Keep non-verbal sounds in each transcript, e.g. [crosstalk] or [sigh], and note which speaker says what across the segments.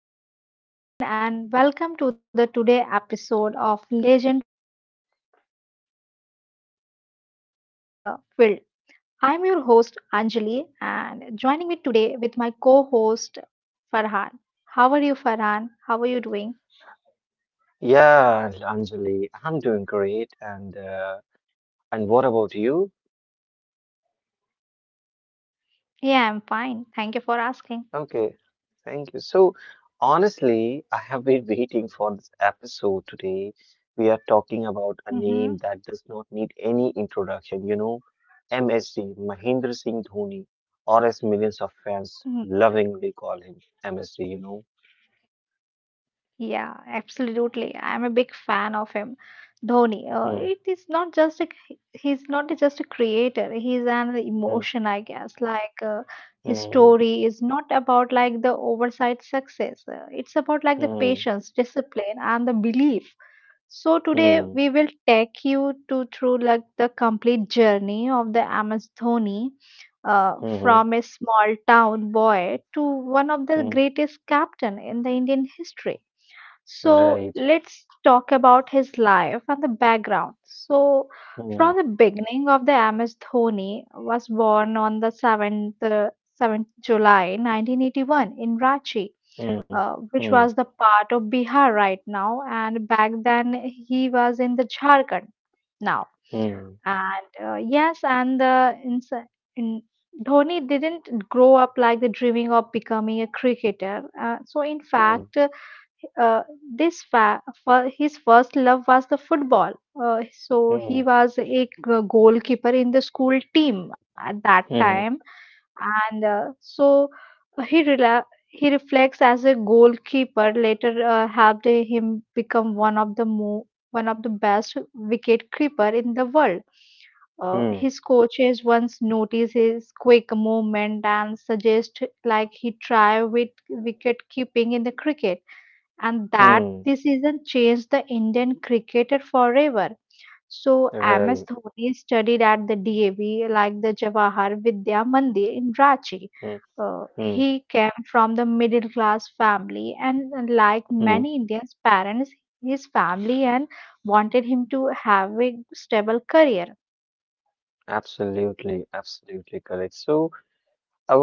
Speaker 1: So, hello everyone, and welcome to the today episode of Legend Beyond the Field. I'm your host Anjali, and joining me today with my co-host Farhan. How are you, Farhan? How are you doing?
Speaker 2: Yeah, Anjali, I'm doing great. And what about you?
Speaker 1: Yeah, I'm fine. Thank you for asking.
Speaker 2: Okay, thank you. So honestly, I have been [laughs] waiting for this episode today. We are talking
Speaker 1: Mm-hmm.
Speaker 2: about a name that does not need any introduction, MSD, Mahendra Singh Dhoni, or as millions of fans lovingly call him, MSD.
Speaker 1: Yeah, absolutely. I'm a big fan of him. Dhoni.
Speaker 2: Mm,
Speaker 1: It is not just a He's not just a creator. He's an
Speaker 2: mm,
Speaker 1: emotion, I guess. His
Speaker 2: mm,
Speaker 1: story is not about like the oversight success. It's about like the
Speaker 2: mm,
Speaker 1: patience, discipline, and the belief. So today
Speaker 2: mm,
Speaker 1: we will take you to through like the complete journey of the MS Dhoni. Uh, from
Speaker 2: mm,
Speaker 1: a small town boy to one of the
Speaker 2: mm,
Speaker 1: greatest captain in the Indian history. So
Speaker 2: right.
Speaker 1: let's talk about his life and the background. So from the
Speaker 2: Mm,
Speaker 1: beginning of the MS Dhoni was born on the 7th July 1981 in Ranchi,
Speaker 2: mm,
Speaker 1: which
Speaker 2: mm,
Speaker 1: was the part of Bihar right now. And back then he was in the Jharkhand now.
Speaker 2: mm.
Speaker 1: And yes, and the ins in, Dhoni didn't grow up like the dreaming of becoming a cricketer. So in fact
Speaker 2: Mm,
Speaker 1: uh, his first love was the football. So he
Speaker 2: mm,
Speaker 1: was a goalkeeper in the school team at that time,
Speaker 2: hmm.
Speaker 1: and he he reflects as a goalkeeper. Later, helped him become one of the best wicket keeper in the world. His
Speaker 2: Mm,
Speaker 1: coaches once notice his quick movement and suggest like he try with wicket keeping in the cricket and that
Speaker 2: mm.
Speaker 1: decision changed the Indian cricketer forever. So MS
Speaker 2: Right.
Speaker 1: Dhoni studied at the DAV like the Jawahar Vidya Mandir in Ranchi.
Speaker 2: Mm,
Speaker 1: Uh,
Speaker 2: mm,
Speaker 1: he came from the middle class family, and like
Speaker 2: mm.
Speaker 1: many Indians parents his family and wanted him to have a stable career.
Speaker 2: Absolutely, absolutely correct. So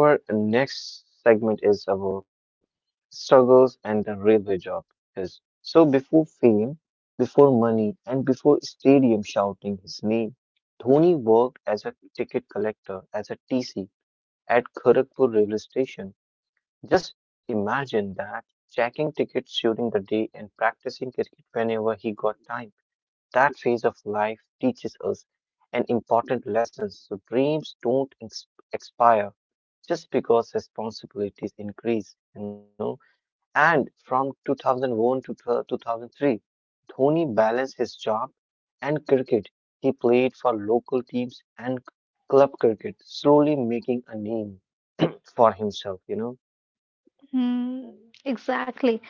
Speaker 2: our next segment is about struggles and the railway job is. So before fame, before money, and before stadium shouting his name, Dhoni worked as a ticket collector, as a TC at Kharagpur railway station. Just imagine that, checking tickets during the day and practicing cricket whenever he got time. That phase of life teaches us an important lesson. So dreams don't expire just because responsibilities increase. And from 2001 to 2003, Dhoni balanced his job and cricket. He played for local teams and club cricket, slowly making a name for himself.
Speaker 1: Hmm, exactly.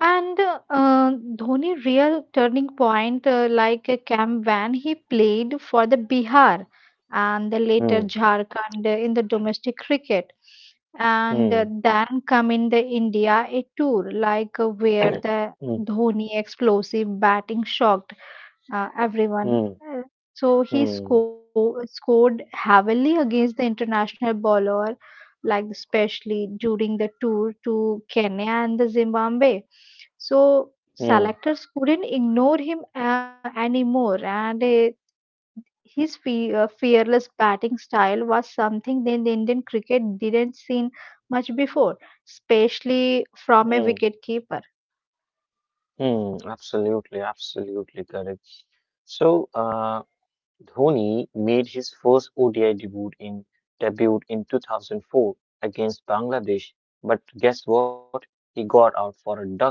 Speaker 1: And Dhoni real turning point like a camp when he played for the Bihar and the later
Speaker 2: Hmm.
Speaker 1: Jharkhand in the domestic cricket, and
Speaker 2: Hmm.
Speaker 1: then come in the India a tour
Speaker 2: Mm,
Speaker 1: where the
Speaker 2: mm,
Speaker 1: Dhoni explosive batting shocked everyone. Uh, So he
Speaker 2: mm,
Speaker 1: scored heavily against the international bowler, like especially during the tour to Kenya and the Zimbabwe. So
Speaker 2: mm,
Speaker 1: selectors couldn't ignore him anymore, and his fearless batting style was something that the Indian cricket didn't seen much before, especially
Speaker 2: mm,
Speaker 1: from a wicketkeeper.
Speaker 2: mm. Absolutely, absolutely correct. So, Dhoni made his first ODI debut in 2004 against Bangladesh. But guess what? He got out for a duck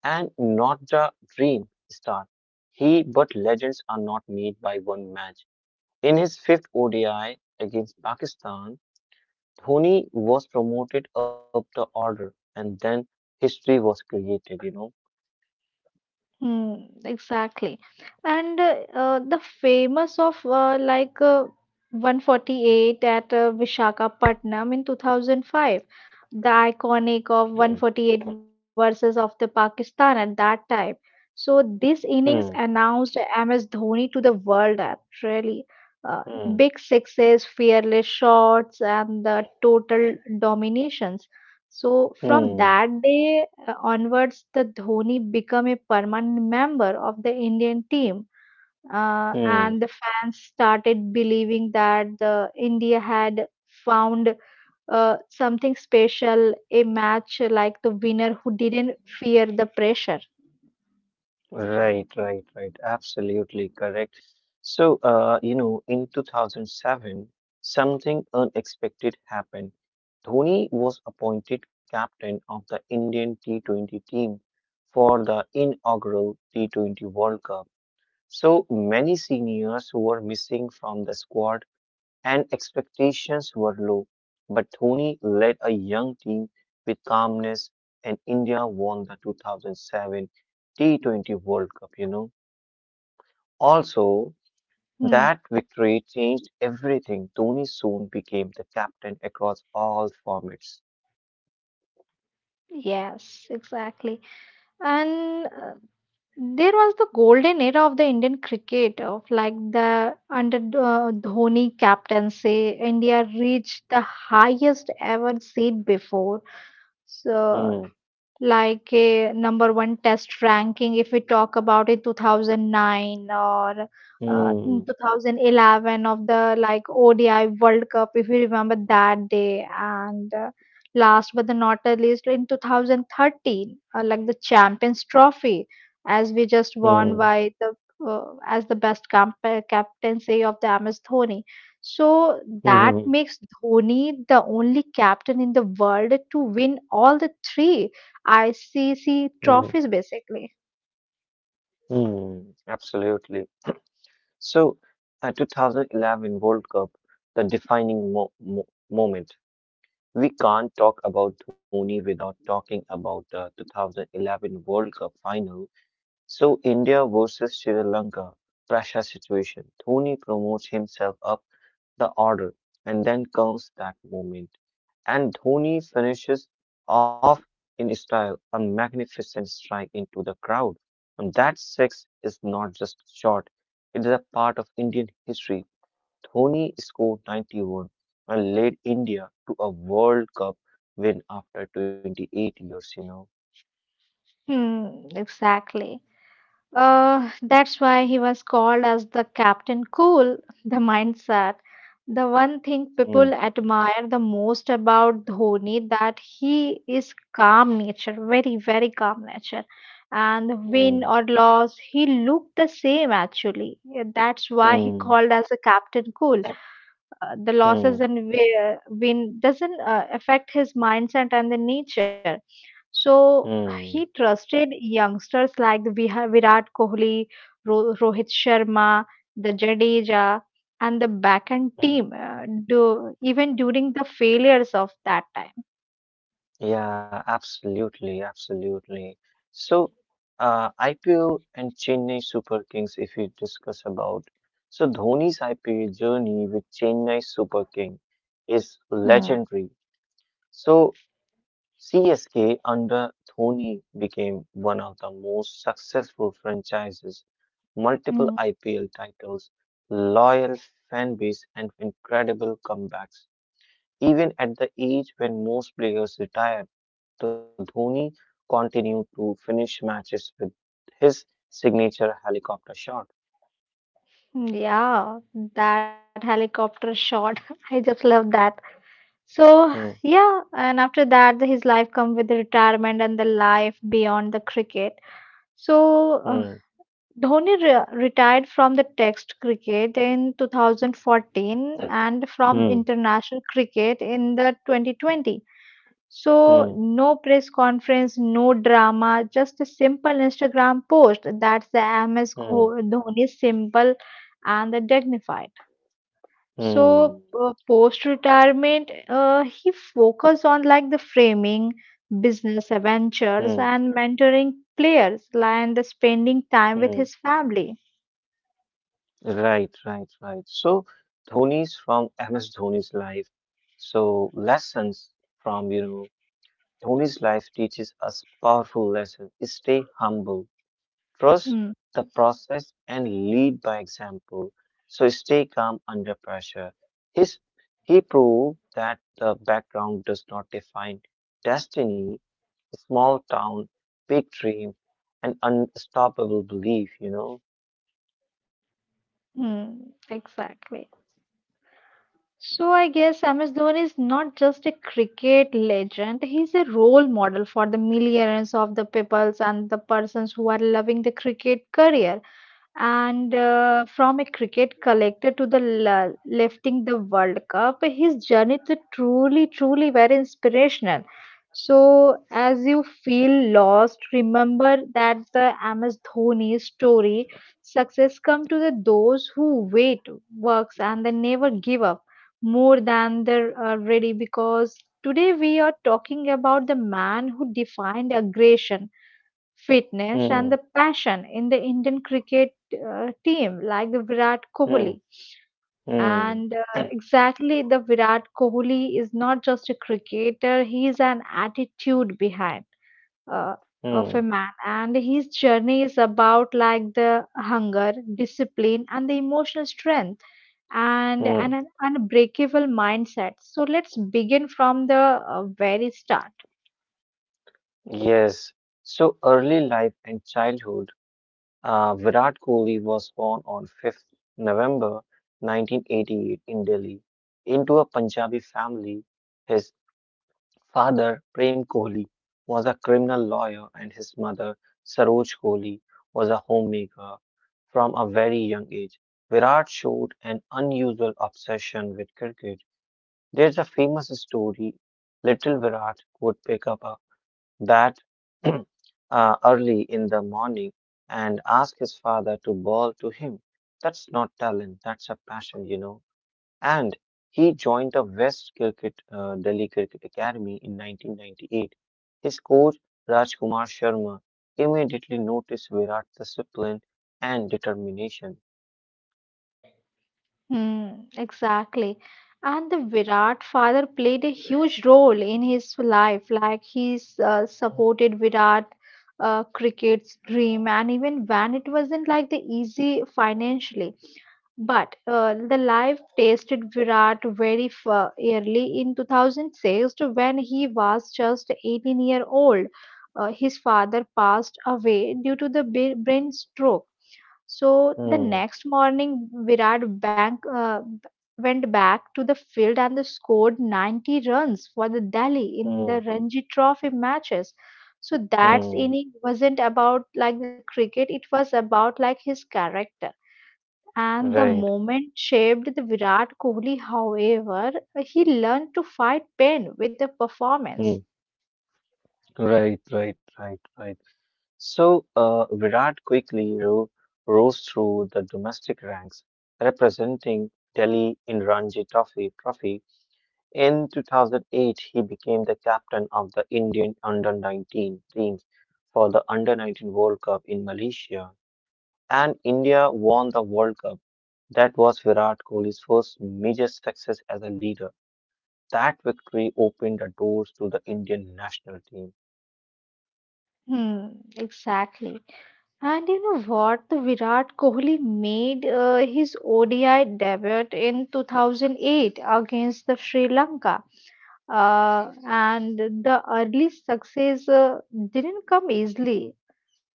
Speaker 2: and not the dream start. But legends are not made by one match. In his fifth ODI against Pakistan, Dhoni was promoted up the order, and then history was created.
Speaker 1: Hmm, exactly. And the famous of like 148 at Visakhapatnam in 2005, the iconic of
Speaker 2: Hmm,
Speaker 1: 148 versus of the Pakistan at that time. So this innings
Speaker 2: hmm,
Speaker 1: announced MS Dhoni to the world app, really. Uh,
Speaker 2: hmm,
Speaker 1: big sixes, fearless shots, and the total dominations. So from
Speaker 2: hmm.
Speaker 1: that day, onwards, the Dhoni became a permanent member of the Indian team, and the
Speaker 2: Hmm.
Speaker 1: fans started believing that the India had found something special, a match like the winner who didn't fear the pressure.
Speaker 2: Right, right, right. Absolutely correct. So, in 2007, something unexpected happened. Dhoni was appointed captain of the Indian T20 team for the inaugural T20 World Cup. So many seniors who were missing from the squad and expectations were low. But Dhoni led a young team with calmness, and India won the 2007 T20 World Cup. Also,
Speaker 1: Hmm.
Speaker 2: that victory changed everything. Dhoni soon became the captain across all formats.
Speaker 1: Yes, exactly. And there was the golden era of the Indian cricket of like the under Dhoni captaincy, India reached the highest ever seed before.
Speaker 2: Hmm,
Speaker 1: So like a number one test ranking if we talk about in 2009 or in
Speaker 2: hmm,
Speaker 1: 2011 of the like ODI World Cup if you remember that day, and last but the not the least in 2013 like the Champions Trophy as we just won
Speaker 2: hmm,
Speaker 1: by the as the captaincy of the MS Dhoni, so that
Speaker 2: hmm,
Speaker 1: makes Dhoni the only captain in the world to win all the three ICC
Speaker 2: hmm,
Speaker 1: trophies, basically.
Speaker 2: hmm. Absolutely. So, 2011 World Cup, the defining mo mo moment. We can't talk about Dhoni without talking about the 2011 World Cup final. So, India versus Sri Lanka, pressure situation. Dhoni promotes himself up the order, and then comes that moment. And Dhoni finishes off in style, a magnificent strike into the crowd. And that six is not just a shot, it is a part of Indian history. Dhoni scored 91 and led India to a World Cup win after 28 years.
Speaker 1: Hmm, exactly. That's why he was called as the Captain Cool, the mindset. The one thing
Speaker 2: Hmm,
Speaker 1: people admire the most about Dhoni that he is calm nature, very, very calm nature. And
Speaker 2: hmm,
Speaker 1: win or loss, he looked the same actually. Yeah, that's why he
Speaker 2: hmm,
Speaker 1: called as a Captain Cool. The losses
Speaker 2: hmm,
Speaker 1: and win doesn't affect his mindset and the nature. So he
Speaker 2: hmm,
Speaker 1: trusted youngsters like the Virat Kohli, Rohit Sharma, the Jadeja, and the backend
Speaker 2: hmm.
Speaker 1: team. Do even during the failures of that time.
Speaker 2: Yeah, absolutely, absolutely. So, IPL and Chennai Super Kings, if we discuss about. So, Dhoni's IPL journey with Chennai Super King is
Speaker 1: Hmm.
Speaker 2: legendary. So, CSK under Dhoni became one of the most successful franchises, multiple
Speaker 1: Hmm.
Speaker 2: IPL titles, loyal fan base, and incredible comebacks. Even at the age when most players retired, the Dhoni continued to finish matches with his signature helicopter shot.
Speaker 1: Yeah, that helicopter shot. [laughs] I just love that. So
Speaker 2: Hmm,
Speaker 1: yeah, and after that, his life come with the retirement and the life beyond the cricket. So
Speaker 2: hmm,
Speaker 1: Dhoni retired from the Test cricket in 2014 and from
Speaker 2: hmm,
Speaker 1: international cricket in the 2020. So
Speaker 2: hmm,
Speaker 1: no press conference, no drama, just a simple Instagram post. That's the MS
Speaker 2: hmm,
Speaker 1: Gho- Dhoni simple and the dignified. So
Speaker 2: hmm,
Speaker 1: uh, post-retirement, he focused on like the framing, business
Speaker 2: hmm,
Speaker 1: ventures, and mentoring players, and spending
Speaker 2: hmm.
Speaker 1: time with his family.
Speaker 2: Right, right, right. So Dhoni's from MS Dhoni's life. So lessons from, Dhoni's life teaches us powerful lesson. Stay humble, trust
Speaker 1: Mm,
Speaker 2: the process, and lead by example. So stay calm under pressure. His he proved that the background does not define destiny, small town, big dream, and unstoppable belief.
Speaker 1: mm, exactly. So I guess MS Dhoni is not just a cricket legend, he's a role model for the millions of the peoples and the persons who are loving the cricket career. And from a cricket collector to the lifting the World Cup, his journey to truly, truly very inspirational. So, as you feel lost, remember that the MS Dhoni story success come to the those who wait, works, and they never give up more than they're ready. Because today we are talking about the man who defined aggression, fitness, and
Speaker 2: Hmm,
Speaker 1: the passion in the Indian cricket team, like the Virat
Speaker 2: hmm,
Speaker 1: Kohli.
Speaker 2: hmm.
Speaker 1: And uh, exactly, the Virat Kohli is not just a cricketer, he is an attitude behind uh, of a
Speaker 2: Hmm.
Speaker 1: man. And his journey is about like the hunger, discipline, and the emotional strength and an
Speaker 2: Mm,
Speaker 1: unbreakable mindset. So let's begin from the very start.
Speaker 2: yes. So early life and childhood, Virat Kohli was born on 5th November 1988 in Delhi into a Punjabi family. His father, Prem Kohli, was a criminal lawyer, and his mother, Saroj Kohli, was a homemaker. From a very young age, Virat showed an unusual obsession with cricket. There's a famous story. Little Virat would pick up a that [clears throat] early in the morning and ask his father to bowl to him. That's not talent, that's a passion. And he joined the Delhi Cricket Academy in 1998. His coach, Rajkumar Sharma, immediately noticed Virat's discipline and determination.
Speaker 1: Hmm, exactly. And the Virat father played a huge role in his life. Like he's supported Virat cricket's dream, and even when it wasn't like the easy financially. But the life tasted Virat very early in 2006 when he was just 18-year-old. His father passed away due to the brain stroke, so the
Speaker 2: Hmm,
Speaker 1: next morning, went back to the field and scored 90 runs for the Delhi in
Speaker 2: hmm,
Speaker 1: the Ranji Trophy matches. So that
Speaker 2: hmm,
Speaker 1: inning wasn't about like the cricket; it was about like his character. And the
Speaker 2: right,
Speaker 1: moment shaped the Virat Kohli. However, he learned to fight pain with a performance.
Speaker 2: hmm, right, right, right, right. So, Virat quickly ro rose through the domestic ranks, representing Delhi in Ranji Trophy. In 2008, he became the captain of the Indian under-19 team for the Under-19 World Cup in Malaysia, and India won the World Cup. That was Virat Kohli's first major success as a leader. That victory opened the doors to the Indian national team.
Speaker 1: Hmm, exactly. And you know what? The Virat Kohli made his ODI debut in 2008 against the Sri Lanka. And the early success didn't come easily.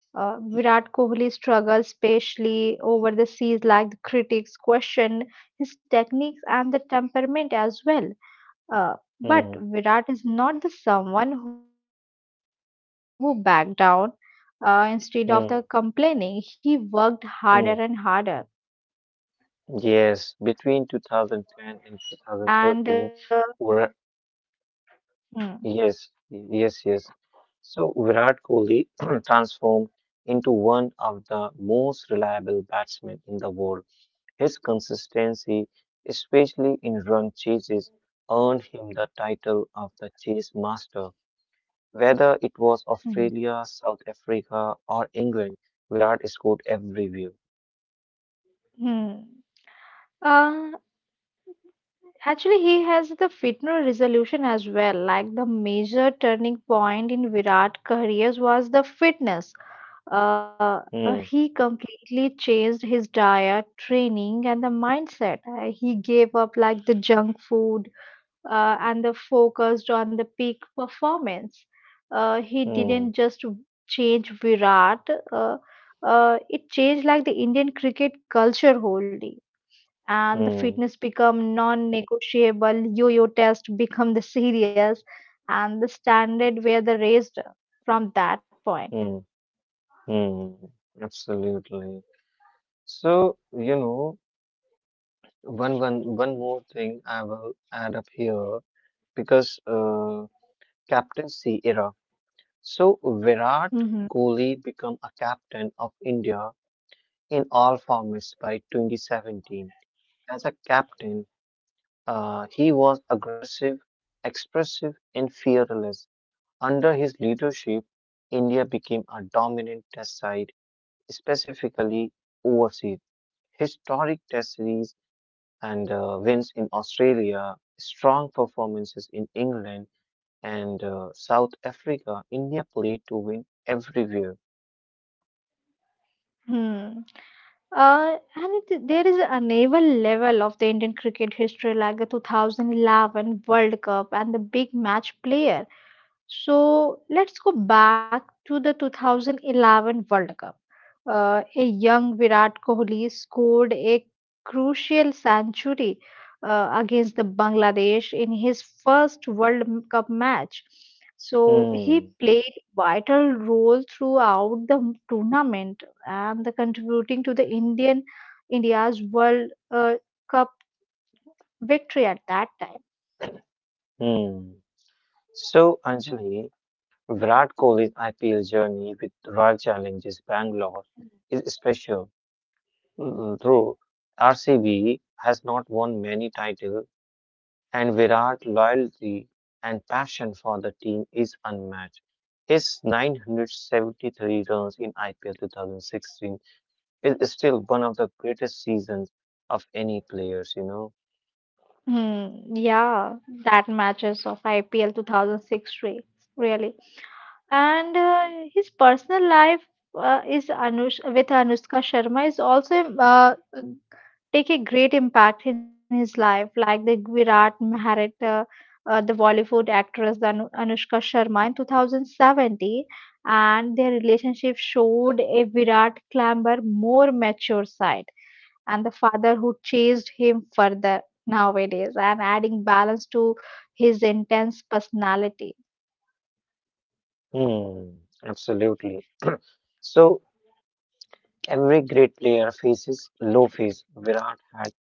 Speaker 1: Virat Kohli struggled especially over the seas, like the critics questioned his techniques and the temperament as well. But
Speaker 2: Hmm,
Speaker 1: Virat is not the someone who backed down. Instead of the complaining, he
Speaker 2: hmm,
Speaker 1: worked harder and harder.
Speaker 2: hmm. Yes, between
Speaker 1: And
Speaker 2: 2010 and 2013, Vira-
Speaker 1: hmm,
Speaker 2: yes, yes, yes. So Virat Kohli [clears throat] transformed into one of the most reliable batsmen in the world. His consistency, especially in run chases, earned him the title of the chase master. Whether it
Speaker 1: Hmm.
Speaker 2: was Australia, South Africa, or England, Virat scored everywhere.
Speaker 1: hmm. Uh, actually, he has the fitness resolution as well. Like the major turning point in Virat' careers was the fitness. Uh, uh,
Speaker 2: Hmm,
Speaker 1: he completely changed his diet, training, and the mindset. He gave up like the junk food and the focused on the peak performance. He
Speaker 2: hmm,
Speaker 1: didn't just change Virat, it changed like the Indian cricket culture wholly. And the fitness
Speaker 2: hmm,
Speaker 1: become non-negotiable, yo-yo test become the serious, and the standard were the raised from that point.
Speaker 2: hmm. Hmm. Absolutely. So, one more thing I will add up here because captaincy era. So Virat
Speaker 1: Hmm.
Speaker 2: Kohli become a captain of India in all formats by 2017. As a captain, he was aggressive, expressive, and fearless. Under his leadership, India became a dominant test side, specifically overseas. Historic test series and wins in Australia, strong performances in England and South Africa. India played to win everywhere.
Speaker 1: Hmm. And it, there is another level of the Indian cricket history, like the 2011 World Cup and the big match player. So let's go back to the 2011 World Cup. A young Virat Kohli scored a crucial century against the Bangladesh in his first World Cup match. So he
Speaker 2: Hmm.
Speaker 1: played vital role throughout the tournament and the contributing to the Indian India's World Cup victory at that time.
Speaker 2: Hmm. So, Anjali, Virat Kohli's IPL journey with Royal Challengers Bangalore is special. Mm. Though RCB has not won many titles, and Virat's loyalty and passion for the team is unmatched. His 973 runs in IPL 2016 is still one of the greatest seasons of any players.
Speaker 1: Hmm, yeah, that matches of IPL 2006 re really. And his personal life is Anush with Anushka Sharma is also take a great impact in his life, like the Virat Maharat, the Bollywood actress the Anushka Sharma in 2070, and their relationship showed a Virat clamber more mature side and the father who chased him further nowadays and adding balance to his intense personality.
Speaker 2: Hmm, absolutely. So every great player faces low phase. Virat had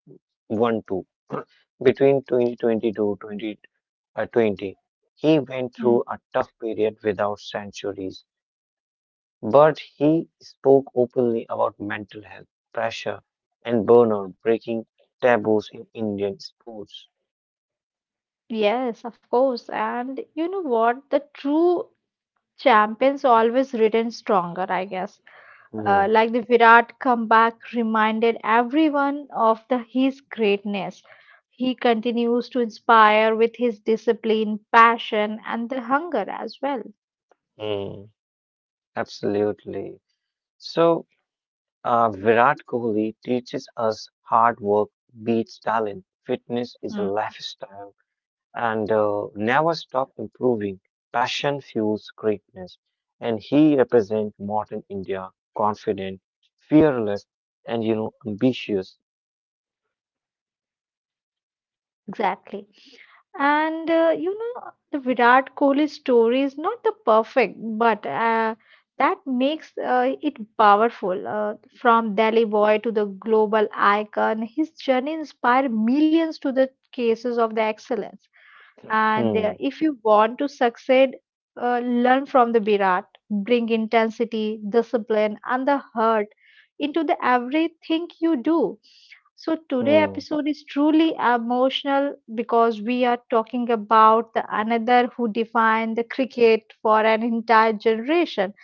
Speaker 2: one too. [clears throat] Between 2020 to 2020. He went
Speaker 1: Mm.
Speaker 2: through a tough period without centuries. But he spoke openly about mental health, pressure, and burnout, breaking taboos in Indian sports.
Speaker 1: Yes, of course. And you know what? The true champions always return stronger, I guess. Uh,
Speaker 2: Hmm,
Speaker 1: like the Virat comeback reminded everyone of his greatness. He continues to inspire with his discipline, passion, and the hunger as well.
Speaker 2: hmm, absolutely. So, Virat Kohli teaches us hard work beats talent. Fitness is a
Speaker 1: Mm.
Speaker 2: lifestyle, and never stop improving. Passion fuels greatness. And he represents modern India, confident, fearless, and ambitious.
Speaker 1: Exactly. The Virat Kohli story is not the perfect, but that makes it powerful. From Delhi boy to the global icon, his journey inspired millions to the cases of the excellence. And
Speaker 2: Hmm,
Speaker 1: if you want to succeed, learn from the Virat. Bring intensity, discipline, and the heart into the everything you do. So today
Speaker 2: hmm.
Speaker 1: episode is truly emotional because we are talking about the another who defined the cricket for an entire generation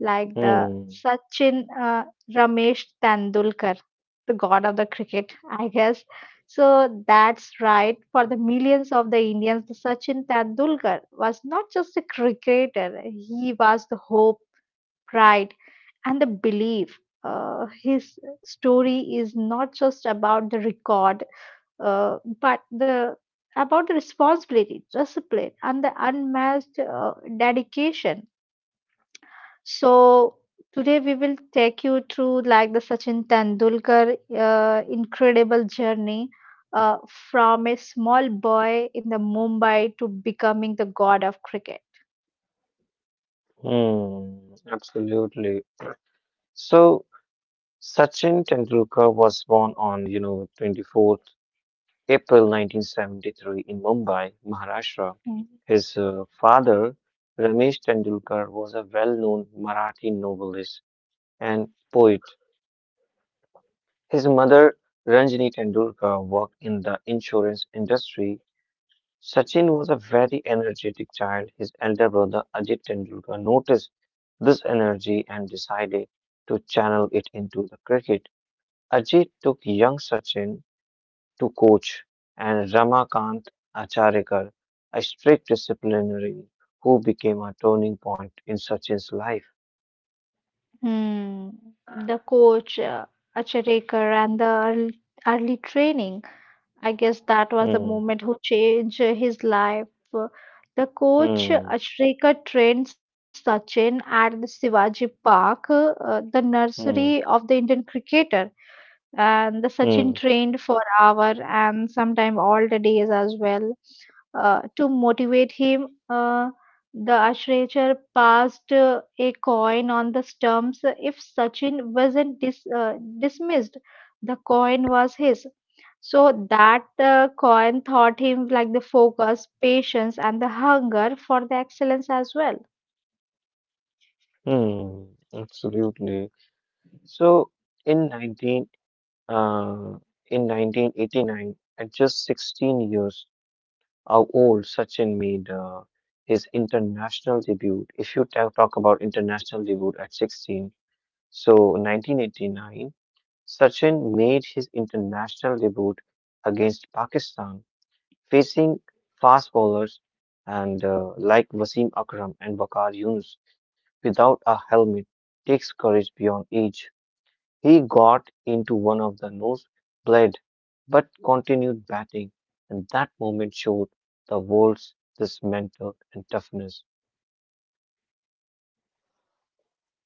Speaker 1: like the
Speaker 2: Hmm,
Speaker 1: Sachin Ramesh Tendulkar, the god of the cricket, I guess. So that's right. For the millions of the Indians, the Sachin Tendulkar was not just a cricketer; he was the hope, pride, and the belief. His story is not just about the record, but the about the responsibility, discipline, and the unmatched dedication, so today we will take you through like the Sachin Tendulkar incredible journey uh, from a small boy in the Mumbai to becoming the god of cricket.
Speaker 2: hmm, absolutely. So Sachin Tendulkar was born on, 24th April 1973 in Mumbai, Maharashtra.
Speaker 1: Hmm.
Speaker 2: His father, Ramesh Tendulkar, was a well-known Marathi novelist and poet. His mother, Ranjini Tendulkar, worked in the insurance industry. Sachin was a very energetic child. His elder brother, Ajit Tendulkar, noticed this energy and decided to channel it into the cricket. Ajit took young Sachin to coach and Ramakant Acharikar, a strict disciplinarian who became a turning point in Sachin's life.
Speaker 1: The coach, Acharya, and the early training, I guess that was the
Speaker 2: Hmm,
Speaker 1: moment who changed his life. The coach
Speaker 2: hmm,
Speaker 1: Ashrika trained Sachin at the Shivaji Park, the nursery of
Speaker 2: hmm,
Speaker 1: the Indian cricketer. And the Sachin
Speaker 2: hmm,
Speaker 1: trained for hour and sometime all the days as well. To motivate him, the Ashrayachar passed a coin on the stumps. If Sachin wasn't dismissed, the coin was his. So that coin taught him like the focus, patience, and the hunger for the excellence as well.
Speaker 2: hmm, absolutely. So, in 19 Uh, in 1989, at just 16 years of old, Sachin made his international debut. If you talk about international debut at 16, so 1989, Sachin made his international debut against Pakistan, facing fast bowlers and like Wasim Akram and Bakar Yunus without a helmet takes courage beyond age. He got into one of the nose bled, but continued batting, and that moment showed the world's this mental and toughness.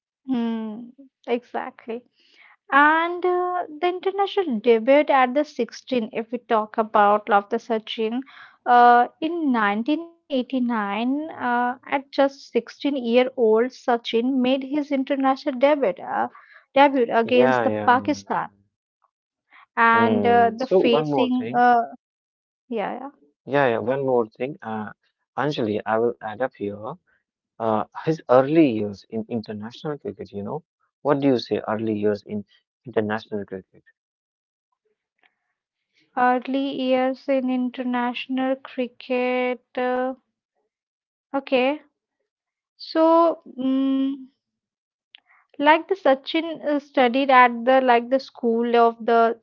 Speaker 1: Hmm, exactly. And the international debut at the 16, if we talk about Love the Sachin, in 1989, at just 16-year-old, Sachin made his international debut,
Speaker 2: Yeah,
Speaker 1: against the
Speaker 2: yeah, yeah,
Speaker 1: Pakistan.
Speaker 2: yeah.
Speaker 1: And
Speaker 2: Mm. So one more thing.
Speaker 1: yeah, yeah.
Speaker 2: Yeah, yeah, one more thing. Anjali, I will add up here. His early years in international cricket. What do you say, early years in international cricket?
Speaker 1: Early years in international cricket. Okay, so, like the Sachin studied at the like the school of the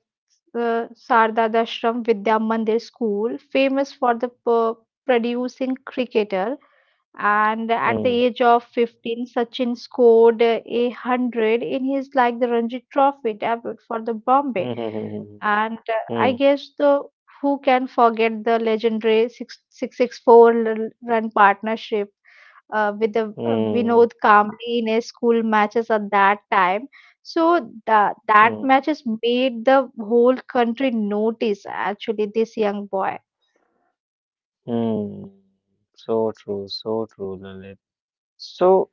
Speaker 1: Sardadashram Vidya Mandir school, famous for the producing cricketer. And at the
Speaker 2: Mm.
Speaker 1: age of 15, Sachin scored 100 in his like the Ranji Trophy debut for the Bombay.
Speaker 2: Mm.
Speaker 1: And
Speaker 2: Hmm.
Speaker 1: I
Speaker 2: Mm.
Speaker 1: guess the who can forget the legendary 664 run partnership with the
Speaker 2: Mm.
Speaker 1: Vinod Kamli in his school matches at that time. So that
Speaker 2: Mm.
Speaker 1: matches made the whole country notice actually this young boy.
Speaker 2: Hmm. So true, Lalit. So,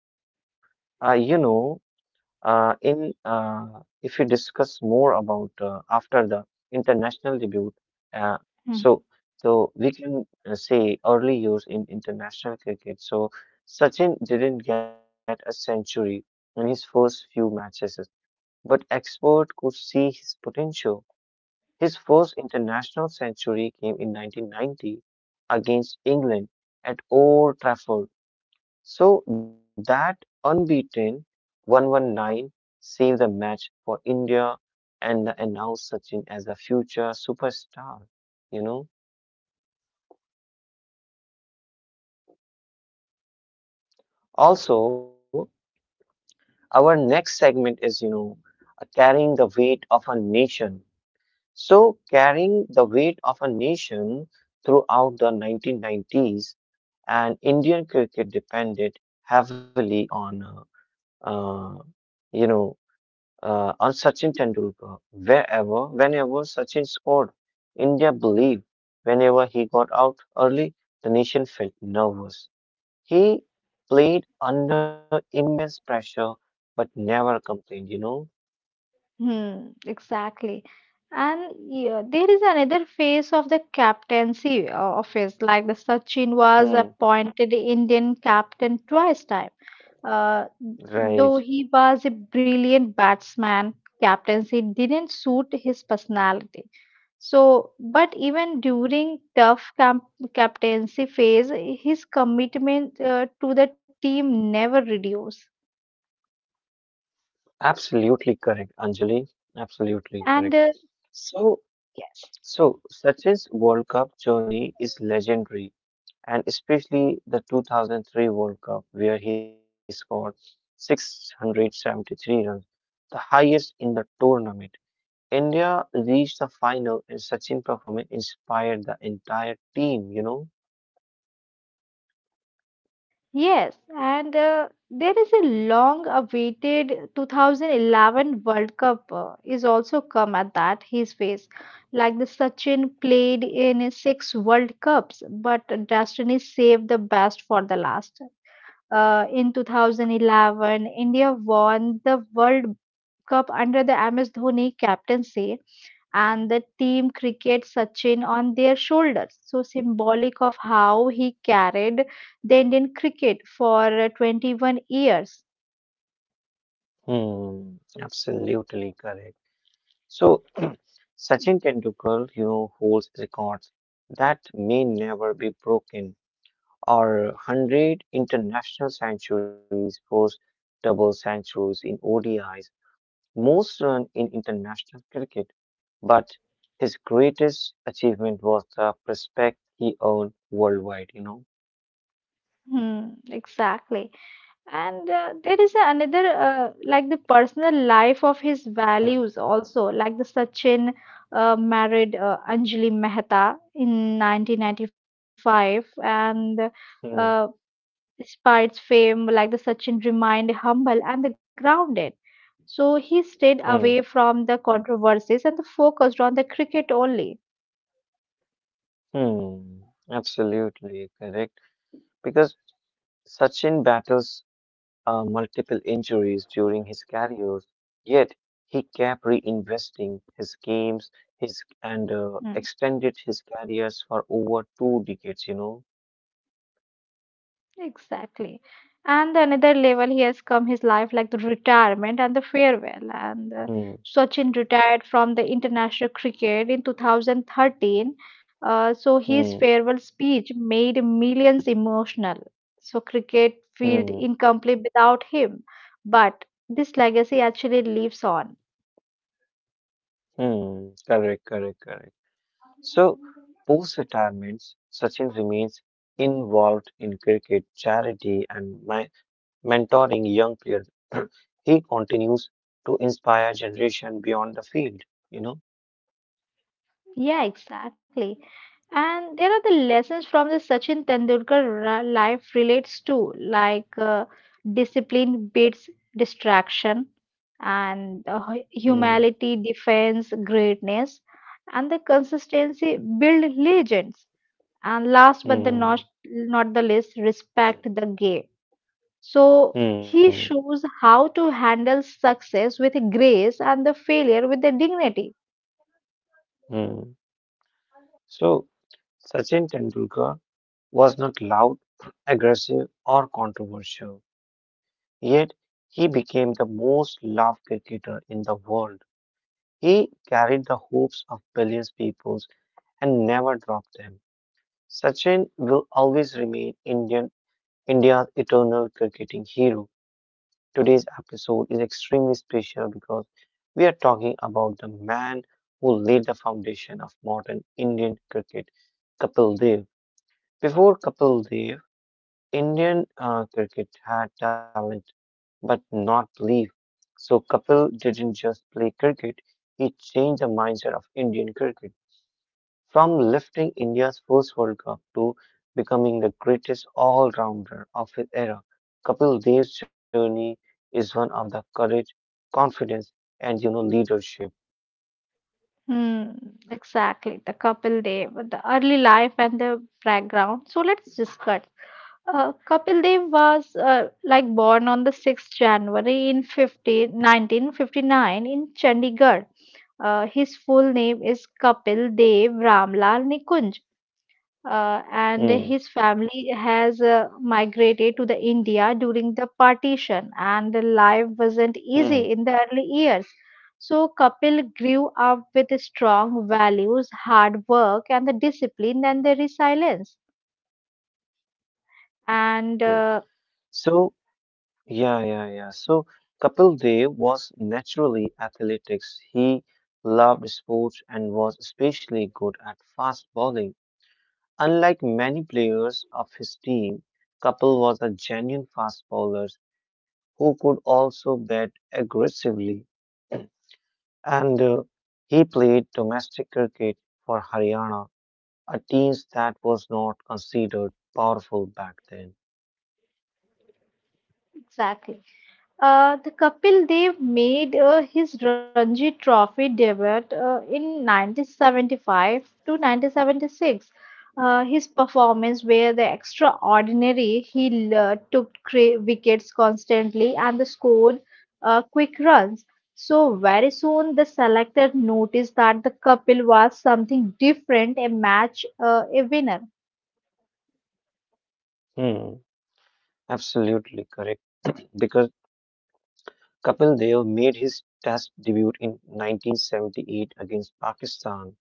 Speaker 2: you know, in if we discuss more about after the international debut, uh, so
Speaker 1: Mhm.
Speaker 2: so we can say early years in international cricket. So Sachin didn't get a century in his first few matches, but expert could see his potential. His first international century came in 1990 against England at Old Trafford. So that unbeaten 119 saved the match for India and announced Sachin as a future superstar, you know. Also, our next segment is, carrying the weight of a nation. So, carrying the weight of a nation throughout the 1990s, and Indian cricket depended heavily uh, you know, on Sachin Tendulkar. Wherever, whenever Sachin scored, India believed. Whenever he got out early, the nation felt nervous. He played under immense pressure, but never complained.
Speaker 1: Hmm, exactly. And yeah, there is another phase of the captaincy office, like the Sachin was
Speaker 2: Hmm.
Speaker 1: appointed Indian captain twice time. Uh,
Speaker 2: Right.
Speaker 1: though he was a brilliant batsman, captaincy didn't suit his personality. So, but even during tough camp, captaincy phase, his commitment to the team never reduced.
Speaker 2: Absolutely correct, Anjali.
Speaker 1: And
Speaker 2: Absolutely correct.
Speaker 1: yes,
Speaker 2: So, so, Sachin's World Cup journey is legendary. And especially the 2003 World Cup, where he scored 673 runs, the highest in the tournament. India reached the final, and Sachin performance inspired the entire team.
Speaker 1: yes, and there is a long-awaited 2011 World Cup is also come at that his phase. Like the Sachin played in six World Cups, but destiny saved the best for the last. In 2011, India won the World Cup under the MS Dhoni captaincy and the team cricket Sachin on their shoulders. So symbolic of how he carried the Indian cricket for 21 years.
Speaker 2: Hmm, absolutely correct. So, [clears throat] Sachin Tendulkar, holds records that may never be broken, or 100 international centuries, post double centuries in ODIs, most runs in international cricket, but his greatest achievement was the respect he earned worldwide.
Speaker 1: Hmm, exactly. And there is another, like the personal life of his values also, like the Sachin married Anjali Mehta in 1995, and
Speaker 2: Hmm,
Speaker 1: uh, despite fame, like the Sachin remained humble and the grounded. So he stayed
Speaker 2: hmm,
Speaker 1: away from the controversies and the focused on the cricket only.
Speaker 2: hmm. Absolutely correct. Because Sachin battles multiple injuries during his career, yet he kept reinvesting his games, his and
Speaker 1: Hmm.
Speaker 2: extended his careers for over two decades.
Speaker 1: Exactly. And another level he has come his life like the retirement and the farewell. And
Speaker 2: Hmm,
Speaker 1: Sachin retired from the international cricket in 2013. So his
Speaker 2: hmm,
Speaker 1: farewell speech made millions emotional. So cricket felt
Speaker 2: hmm.
Speaker 1: incomplete without him. But this legacy actually lives on.
Speaker 2: Hmm, correct, correct, correct. So, post-retirement, Sachin remains involved in cricket, charity, and my mentoring young players. [clears throat] He continues to inspire generation beyond the field, you know?
Speaker 1: Yeah, exactly. And there are the lessons from the Sachin Tendulkar life relates to, like discipline beats distraction, and
Speaker 2: Hmm,
Speaker 1: humility defends greatness, and the consistency build legends. And last but the not
Speaker 2: hmm,
Speaker 1: not the least, respect the game. So
Speaker 2: hmm,
Speaker 1: he shows how to handle success with grace and the failure with the dignity.
Speaker 2: hmm. So, Sachin Tendulkar was not loud, [clears throat] aggressive, or controversial, yet he became the most loved cricketer in the world. He carried the hopes of billions peoples and never dropped them. Sachin will always remain Indian India's eternal cricketing hero. Today's episode is extremely special because we are talking about the man who laid the foundation of modern Indian cricket, Kapil Dev. Before Kapil Dev, Indian cricket had talent, but not belief. So Kapil didn't just play cricket, he changed the mindset of Indian cricket from lifting India's first World Cup to becoming the greatest all rounder of his era. Kapil Dev's journey is one of the courage, confidence, and you know leadership.
Speaker 1: Hmm, exactly. The couple day, with the early life and the background. So let's discuss. Kapil Dev was like born on the 6th January in 1959 in Chandigarh. His full name is Kapil Dev Ramlal Nikunj, and
Speaker 2: Hmm,
Speaker 1: his family has migrated to the India during the partition and the life wasn't
Speaker 2: hmm,
Speaker 1: easy in the early years. So Kapil grew up with strong values, hard work and the discipline and the resilience.
Speaker 2: hmm, hmm,
Speaker 1: And
Speaker 2: absolutely. So, yeah. So, Kapil Dev was naturally athletics. He loved sports and was especially good at fast bowling. Unlike many players of his team, Kapil was a genuine fast bowler who could also bat aggressively. And he played domestic cricket for Haryana, a team that was not considered powerful back then.
Speaker 1: exactly. The Kapil Dev made his Ranji Trophy debut in 1975 to 1976. His performance were the extraordinary. He took wickets constantly and the scored quick runs. So very soon the selector noticed that the Kapil was something different, a winner.
Speaker 2: Hmm, absolutely correct [clears throat] because Kapil Dev made his Test debut in 1978 against Pakistan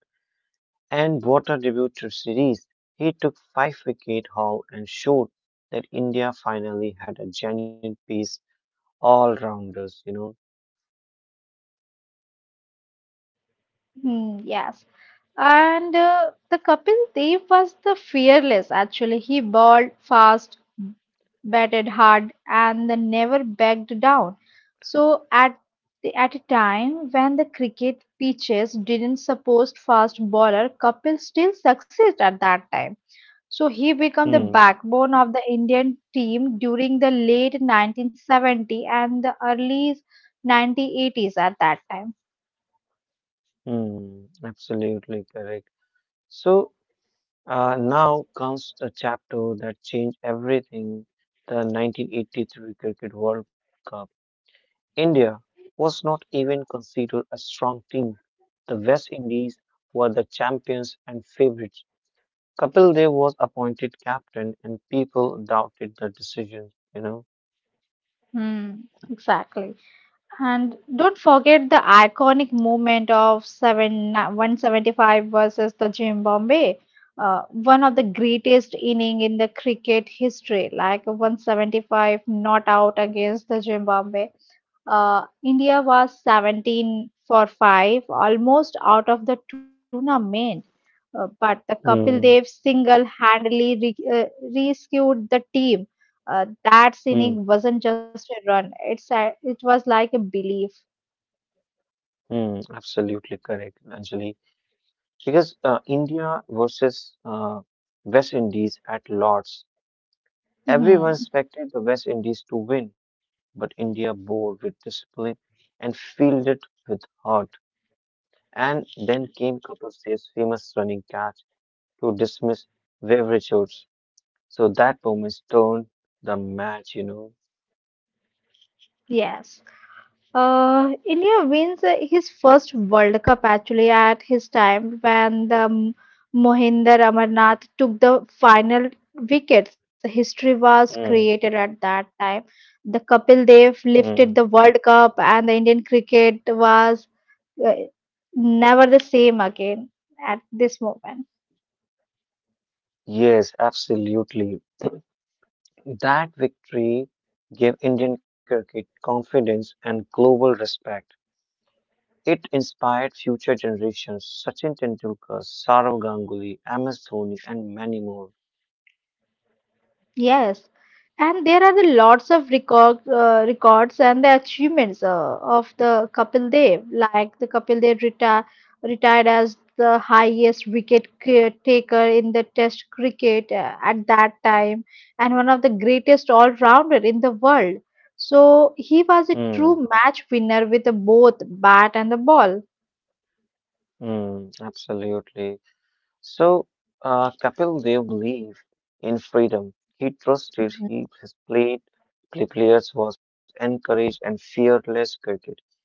Speaker 2: and brought a debut to series. He took five-wicket haul and showed that India finally had a genuine piece all-rounders, you know.
Speaker 1: Hmm, yes. And the Kapil Dev was the fearless actually. He bowled fast, batted hard, and then never backed down. So at a time when the cricket pitches didn't support fast bowler, Kapil still succeeded at that time. So he became the
Speaker 2: Hmm,
Speaker 1: backbone of the Indian team during the late 1970 and the early 1980s at that time.
Speaker 2: hmm, absolutely correct. So now comes the chapter that changed everything, the 1983 Cricket World Cup. India was not even considered a strong team. The West Indies were the champions and favorites. Kapil Dev was appointed captain, and people doubted the decision. You know,
Speaker 1: Hmm, exactly. And don't forget the iconic movement of 7 175 versus the Zimbabwe, one of the greatest inning in the cricket history, like 175 not out against the Zimbabwe. India was 17 for 5, almost out of the tournament. But the Kapil Dev
Speaker 2: hmm,
Speaker 1: single-handedly rescued the team. That
Speaker 2: hmm,
Speaker 1: inning wasn't just a run; it was like a belief.
Speaker 2: hmm, absolutely correct, Anjali. Because India versus West Indies at Lords, everyone
Speaker 1: Mhm.
Speaker 2: expected the West Indies to win, but India bowled with discipline and fielded with heart. And then came Kapil's famous running catch to dismiss Wevrechowicz. So that moment turned the match.
Speaker 1: Yes. India wins his first World Cup actually at his time when the Mohinder Amarnath took the final wickets. History was created
Speaker 2: Mm,
Speaker 1: at that time. The Kapil Dev
Speaker 2: mm.
Speaker 1: lifted the World Cup, and the Indian cricket was uh, never the same again at this moment.
Speaker 2: Yes, absolutely. That victory gave Indian cricket confidence and global respect. It inspired future generations, Sachin Tendulkar, Saurav Ganguly, MS Dhoni, and many more.
Speaker 1: Yes, and there are the lots of records and the achievements of the Kapil Dev, like the Kapil Dev retired as the highest wicket taker in the Test cricket at that time, and one of the greatest all-rounder in the world. So he was a
Speaker 2: Mm,
Speaker 1: true match winner with the both bat and the ball.
Speaker 2: mm, absolutely. So Kapil Dev believed in freedom. He trusted he his played play players was encouraged and fearless cricket.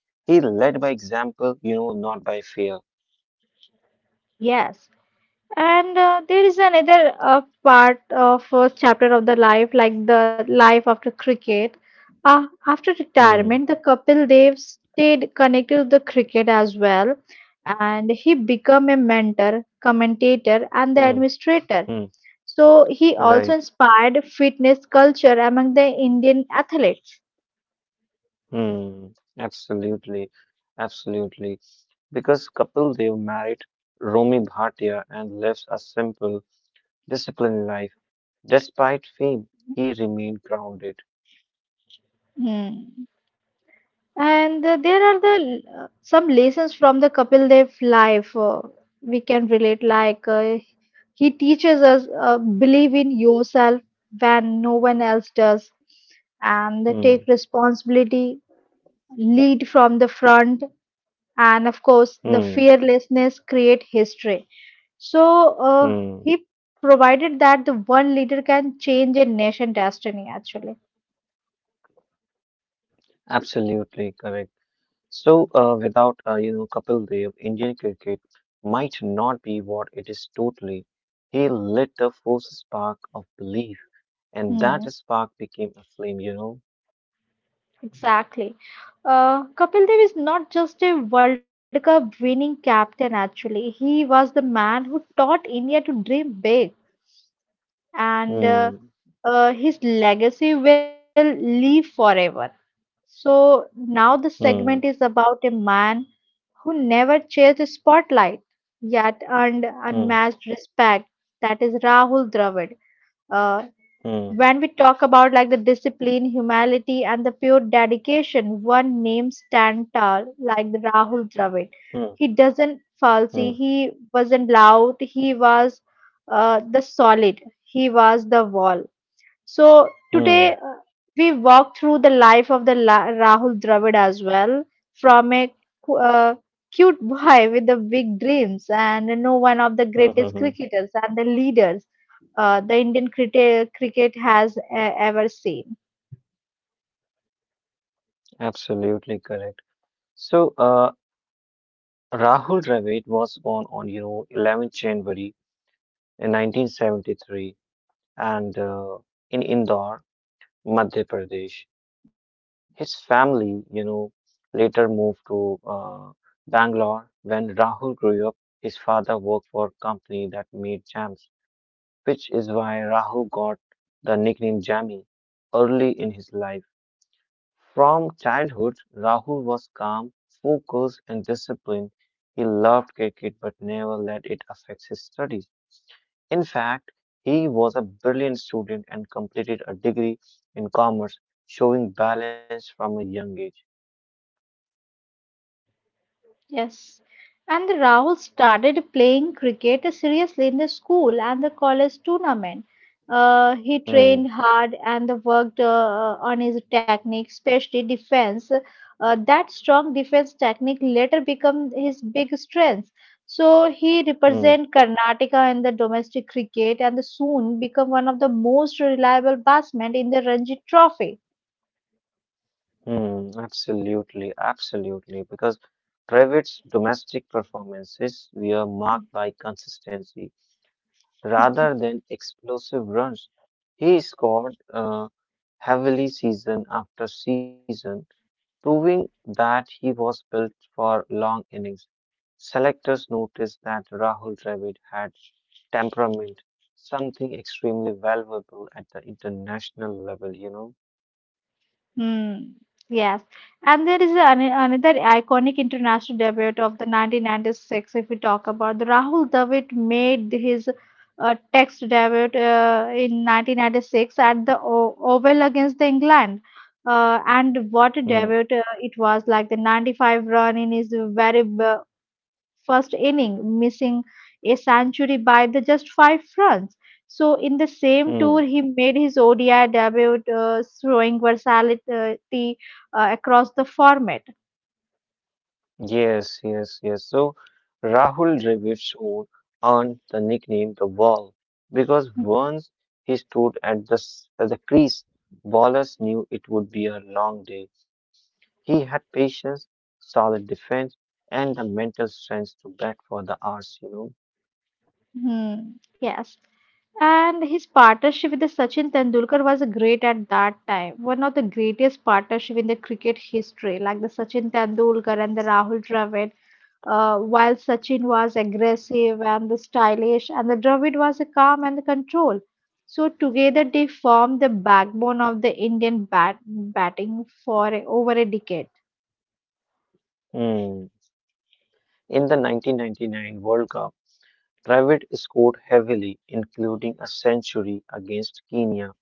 Speaker 2: He led by example, you know, not by fear.
Speaker 1: Yes. And there is another part of first chapter of the life, like the life after cricket. After
Speaker 2: Hmm.
Speaker 1: retirement, the couple they stayed connected to the cricket as well, and he became a mentor, commentator, and the
Speaker 2: Hmm.
Speaker 1: administrator.
Speaker 2: Hmm.
Speaker 1: So he also
Speaker 2: Right.
Speaker 1: inspired fitness culture among the Indian athletes.
Speaker 2: Hmm. Absolutely. Absolutely. Because Kapil Dev married Romi Bhatia and lives a simple, disciplined life. Despite fame, he remained grounded.
Speaker 1: Hmm. And there are the some lessons from the Kapil Dev life we can relate, like he teaches us believe in yourself when no one else does, and they take
Speaker 2: Hmm.
Speaker 1: responsibility, lead from the front, and of course, the
Speaker 2: Hmm.
Speaker 1: fearlessness create history. So
Speaker 2: Hmm.
Speaker 1: he provided that the one leader can change a nation destiny. Actually,
Speaker 2: Absolutely correct. So, without Kapil Dev, Indian cricket might not be what it is totally. He lit the first spark of belief, and that
Speaker 1: hmm,
Speaker 2: spark became a flame. You know.
Speaker 1: exactly. Kapil Dev is not just a World Cup winning captain, actually. He was the man who taught India to dream big, and uh,
Speaker 2: Hmm.
Speaker 1: uh, his legacy will live forever. So now the
Speaker 2: Hmm.
Speaker 1: segment is about a man who never chased the spotlight yet earned
Speaker 2: Hmm.
Speaker 1: unmatched respect. That is Rahul Dravid. Uh,
Speaker 2: Hmm.
Speaker 1: when we talk about like the discipline, humility, and the pure dedication, one name stand tall like the Rahul Dravid.
Speaker 2: Hmm.
Speaker 1: He doesn't
Speaker 2: Hmm.
Speaker 1: falsy. He wasn't loud. He was the solid. He was the wall. So today
Speaker 2: Hmm.
Speaker 1: we walk through the life of the Rahul Dravid as well, from a cu- uh, cute boy [laughs] with the big dreams and one of the
Speaker 2: Hmm. Hmm.
Speaker 1: greatest
Speaker 2: hmm.
Speaker 1: cricketers and the leaders the Indian cricket has ever seen.
Speaker 2: Absolutely correct. So, Rahul Dravid was born on January 11th in 1973, and in Indore. Madhya Pradesh. His family later moved to Bangalore. When Rahul grew up, his father worked for a company that made jams, which is why Rahul got the nickname Jammy early in his life. From childhood, Rahul was calm, focused, and disciplined. He loved cricket but never let it affect his studies. In fact, he was a brilliant student and completed a degree in commerce, showing balance from a young age.
Speaker 1: Yes. And the Rahul started playing cricket seriously in the school and the college tournament. He
Speaker 2: Hmm,
Speaker 1: trained hard and worked on his technique, especially defense. That strong defense technique later became his big strength. So he
Speaker 2: hmm,
Speaker 1: represent Karnataka in the domestic cricket and soon become one of the most reliable batsmen in the Ranji Trophy.
Speaker 2: hmm, absolutely. Because Dravid's domestic performances were marked by consistency rather than explosive runs. He scored heavily season after season, proving that he was built for long innings. Selectors noticed that Rahul Dravid had temperament, something extremely valuable at the international level, you know.
Speaker 1: Hmm. Yes. And there is another iconic international debut of the 1996. If we talk about the Rahul Dravid made his Test debut in 1996 at the o Oval against the England. And
Speaker 2: Mm,
Speaker 1: what a debut it was like the 95 run in his very first inning, missing a century by the just five runs. So in the same
Speaker 2: mm.
Speaker 1: tour, he made his ODI debut, showing versatility across the format.
Speaker 2: Yes, yes, yes. So Rahul Dravid's show earned the nickname the Wall because once he stood at the crease, ballers knew it would be a long day. He had patience, solid defense, and the mental strength to bat for the hours, you know.
Speaker 1: Hmm. Yes. And his partnership with the Sachin Tendulkar was great at that time. One of the greatest partnership in the cricket history, like the Sachin Tendulkar and the Rahul Dravid. While Sachin was aggressive and the stylish, and the Dravid was a calm and the control. So together they formed the backbone of the Indian batting for over a decade.
Speaker 2: Hmm. In the 1999 World Cup. Dravid scored heavily, including a century against Kenya.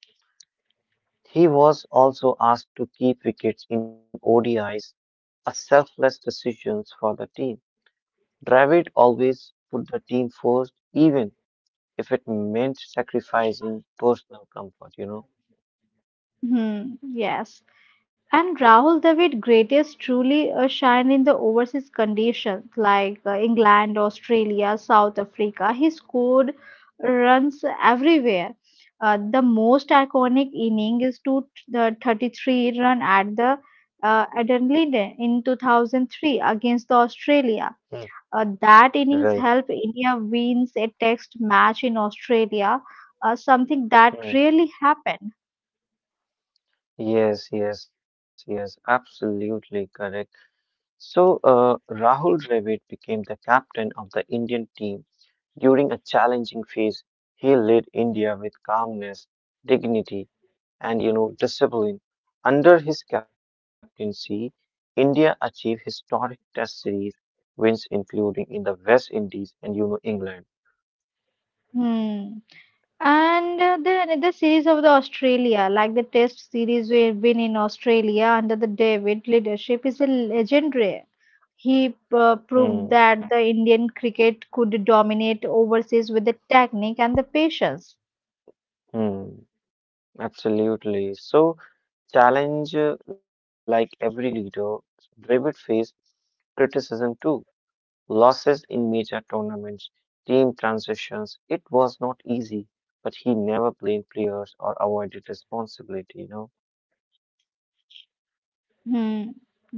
Speaker 2: He was also asked to keep wickets in ODIs, a selfless decision for the team. Dravid always put the team first, even if it meant sacrificing personal comfort, you know?
Speaker 1: Hmm, yes. And Rahul Dravid greatest truly shine in the overseas conditions like England, Australia, South Africa. He scored runs everywhere. The most iconic inning is to the 33 run at the Adelaide in 2003 against the Australia.
Speaker 2: Mm,
Speaker 1: That
Speaker 2: Right.
Speaker 1: innings helped India wins a test match in Australia, something that
Speaker 2: Mm.
Speaker 1: really happened.
Speaker 2: Yes, yes, yes, absolutely correct. So, Rahul Dravid became the captain of the Indian team during a challenging phase, he led India with calmness, dignity, and discipline. Under his captaincy, India achieved historic Test series wins, including in the West Indies and England.
Speaker 1: Hmm. And the series of the Australia, like the Test series we've been in Australia under the David leadership, is a legendary. He
Speaker 2: Hmm,
Speaker 1: proved that the Indian cricket could dominate overseas with the technique and the patience.
Speaker 2: hmm, absolutely. So challenge, like every leader, Dravid faced criticism too. Losses in major tournaments, team transitions. It was not easy, but he never blamed players or avoided responsibility, you know?
Speaker 1: Hmm. Yes.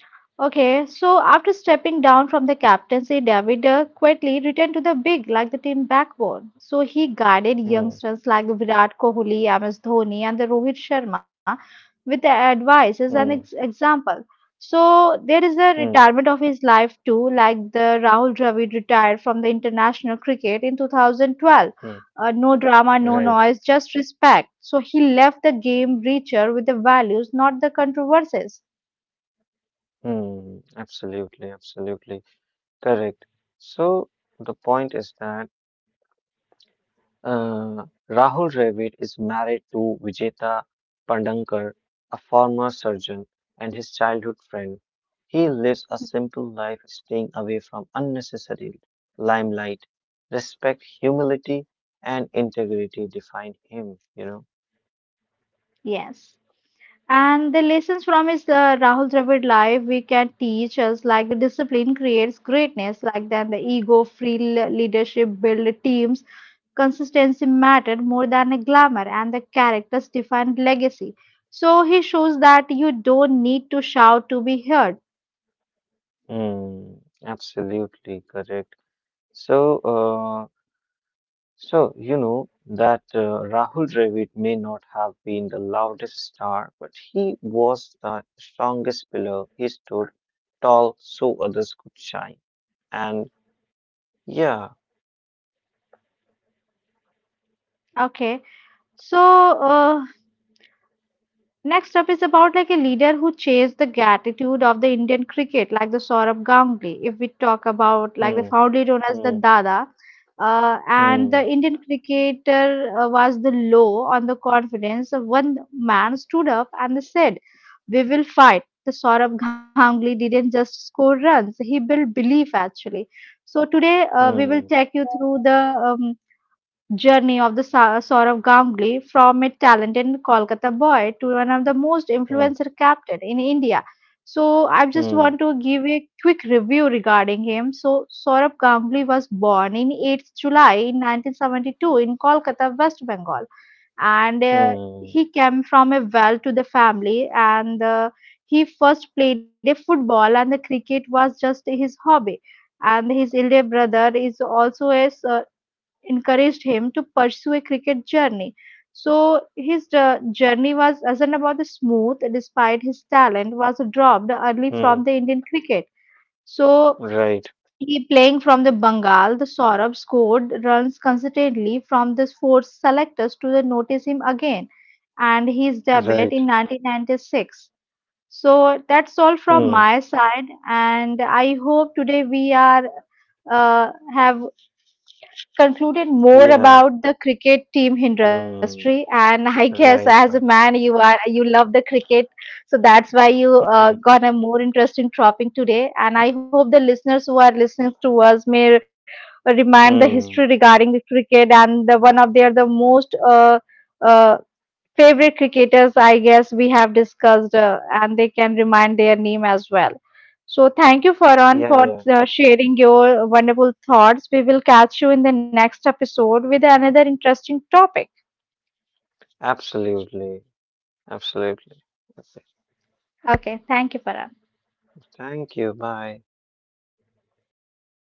Speaker 1: Okay, so after stepping down from the captaincy, David quietly returned to the big like the team backbone. So he guided
Speaker 2: Hmm,
Speaker 1: youngsters like Virat Kohli, MS Dhoni, and the Rohit Sharma with the advices
Speaker 2: hmm,
Speaker 1: and example. So there is the
Speaker 2: hmm,
Speaker 1: retirement of his life too, like the Rahul Dravid retired from the international cricket in 2012.
Speaker 2: hmm.
Speaker 1: No drama, no
Speaker 2: Right.
Speaker 1: noise, just respect. So he left the game richer with the values, not the controversies.
Speaker 2: Hmm, absolutely. Correct. So the point is that Rahul Dravid is married to Vijeta Pandankar, a former surgeon and his childhood friend. He lives a simple life, staying away from unnecessary limelight. Respect, humility, and integrity define him.
Speaker 1: Yes. And the lessons from his Rahul Dravid life we can teach us like the discipline creates greatness, like then the ego, free leadership, build teams, consistency mattered more than a glamour, and the characters defined legacy. So he shows that you don't need to shout to be heard.
Speaker 2: Hmm, absolutely correct. So, So, you know that Rahul Dravid may not have been the loudest star, but he was the strongest pillar. He stood tall so others could shine. And yeah,
Speaker 1: Okay, so uh, Next up is about like a leader who chased the gratitude of the Indian cricket, like the Saurabh Ganguly. If we talk about like the
Speaker 2: hmm,
Speaker 1: fondly known as the
Speaker 2: hmm,
Speaker 1: Dada, and the
Speaker 2: hmm,
Speaker 1: Indian cricketer was the low on the confidence. So, one man stood up and said, "We will fight." The Saurabh Ganguly didn't just score runs; he built belief actually. So today we will
Speaker 2: hmm,
Speaker 1: take you through the um, journey of the Saurav Ganguly from a talented Kolkata boy to one of the most
Speaker 2: hmm,
Speaker 1: influential captain in India. So I just want
Speaker 2: hmm,
Speaker 1: to give a quick review regarding him. So Saurav Ganguly was born in 8th July in 1972 in Kolkata, West Bengal, and
Speaker 2: hmm,
Speaker 1: he came from a well-to-the family. And he first played a football, and the cricket was just his hobby. And his elder brother is also encouraged him to pursue a cricket journey. So his journey wasn't about the smooth, despite his talent was dropped early
Speaker 2: hmm,
Speaker 1: from the Indian cricket. So
Speaker 2: right,
Speaker 1: he playing from the Bengal, the Saurabh scored runs consistently from the sports selectors to the notice him again. And his debut
Speaker 2: right,
Speaker 1: in 1996, so that's all from
Speaker 2: hmm,
Speaker 1: my side, and I hope today we are have concluded more
Speaker 2: yeah,
Speaker 1: about the cricket team industry.
Speaker 2: hmm,
Speaker 1: And [laughs] I guess as a
Speaker 2: right,
Speaker 1: man,
Speaker 2: right,
Speaker 1: you love the cricket, so that's why you
Speaker 2: hmm,
Speaker 1: got a more interesting topic today. And I hope the listeners who are listening to us may remind the history
Speaker 2: hmm,
Speaker 1: regarding the cricket and the one of their the most uh, favorite cricketers, I guess we have discussed, and they can remind their name as well. So thank you, Farhan,
Speaker 2: yeah,
Speaker 1: for
Speaker 2: yeah,
Speaker 1: sharing your wonderful thoughts. We will catch you in the next episode with another interesting topic.
Speaker 2: absolutely, absolutely. Okay,
Speaker 1: Okay, thank you, Farhan.
Speaker 2: thank you, bye.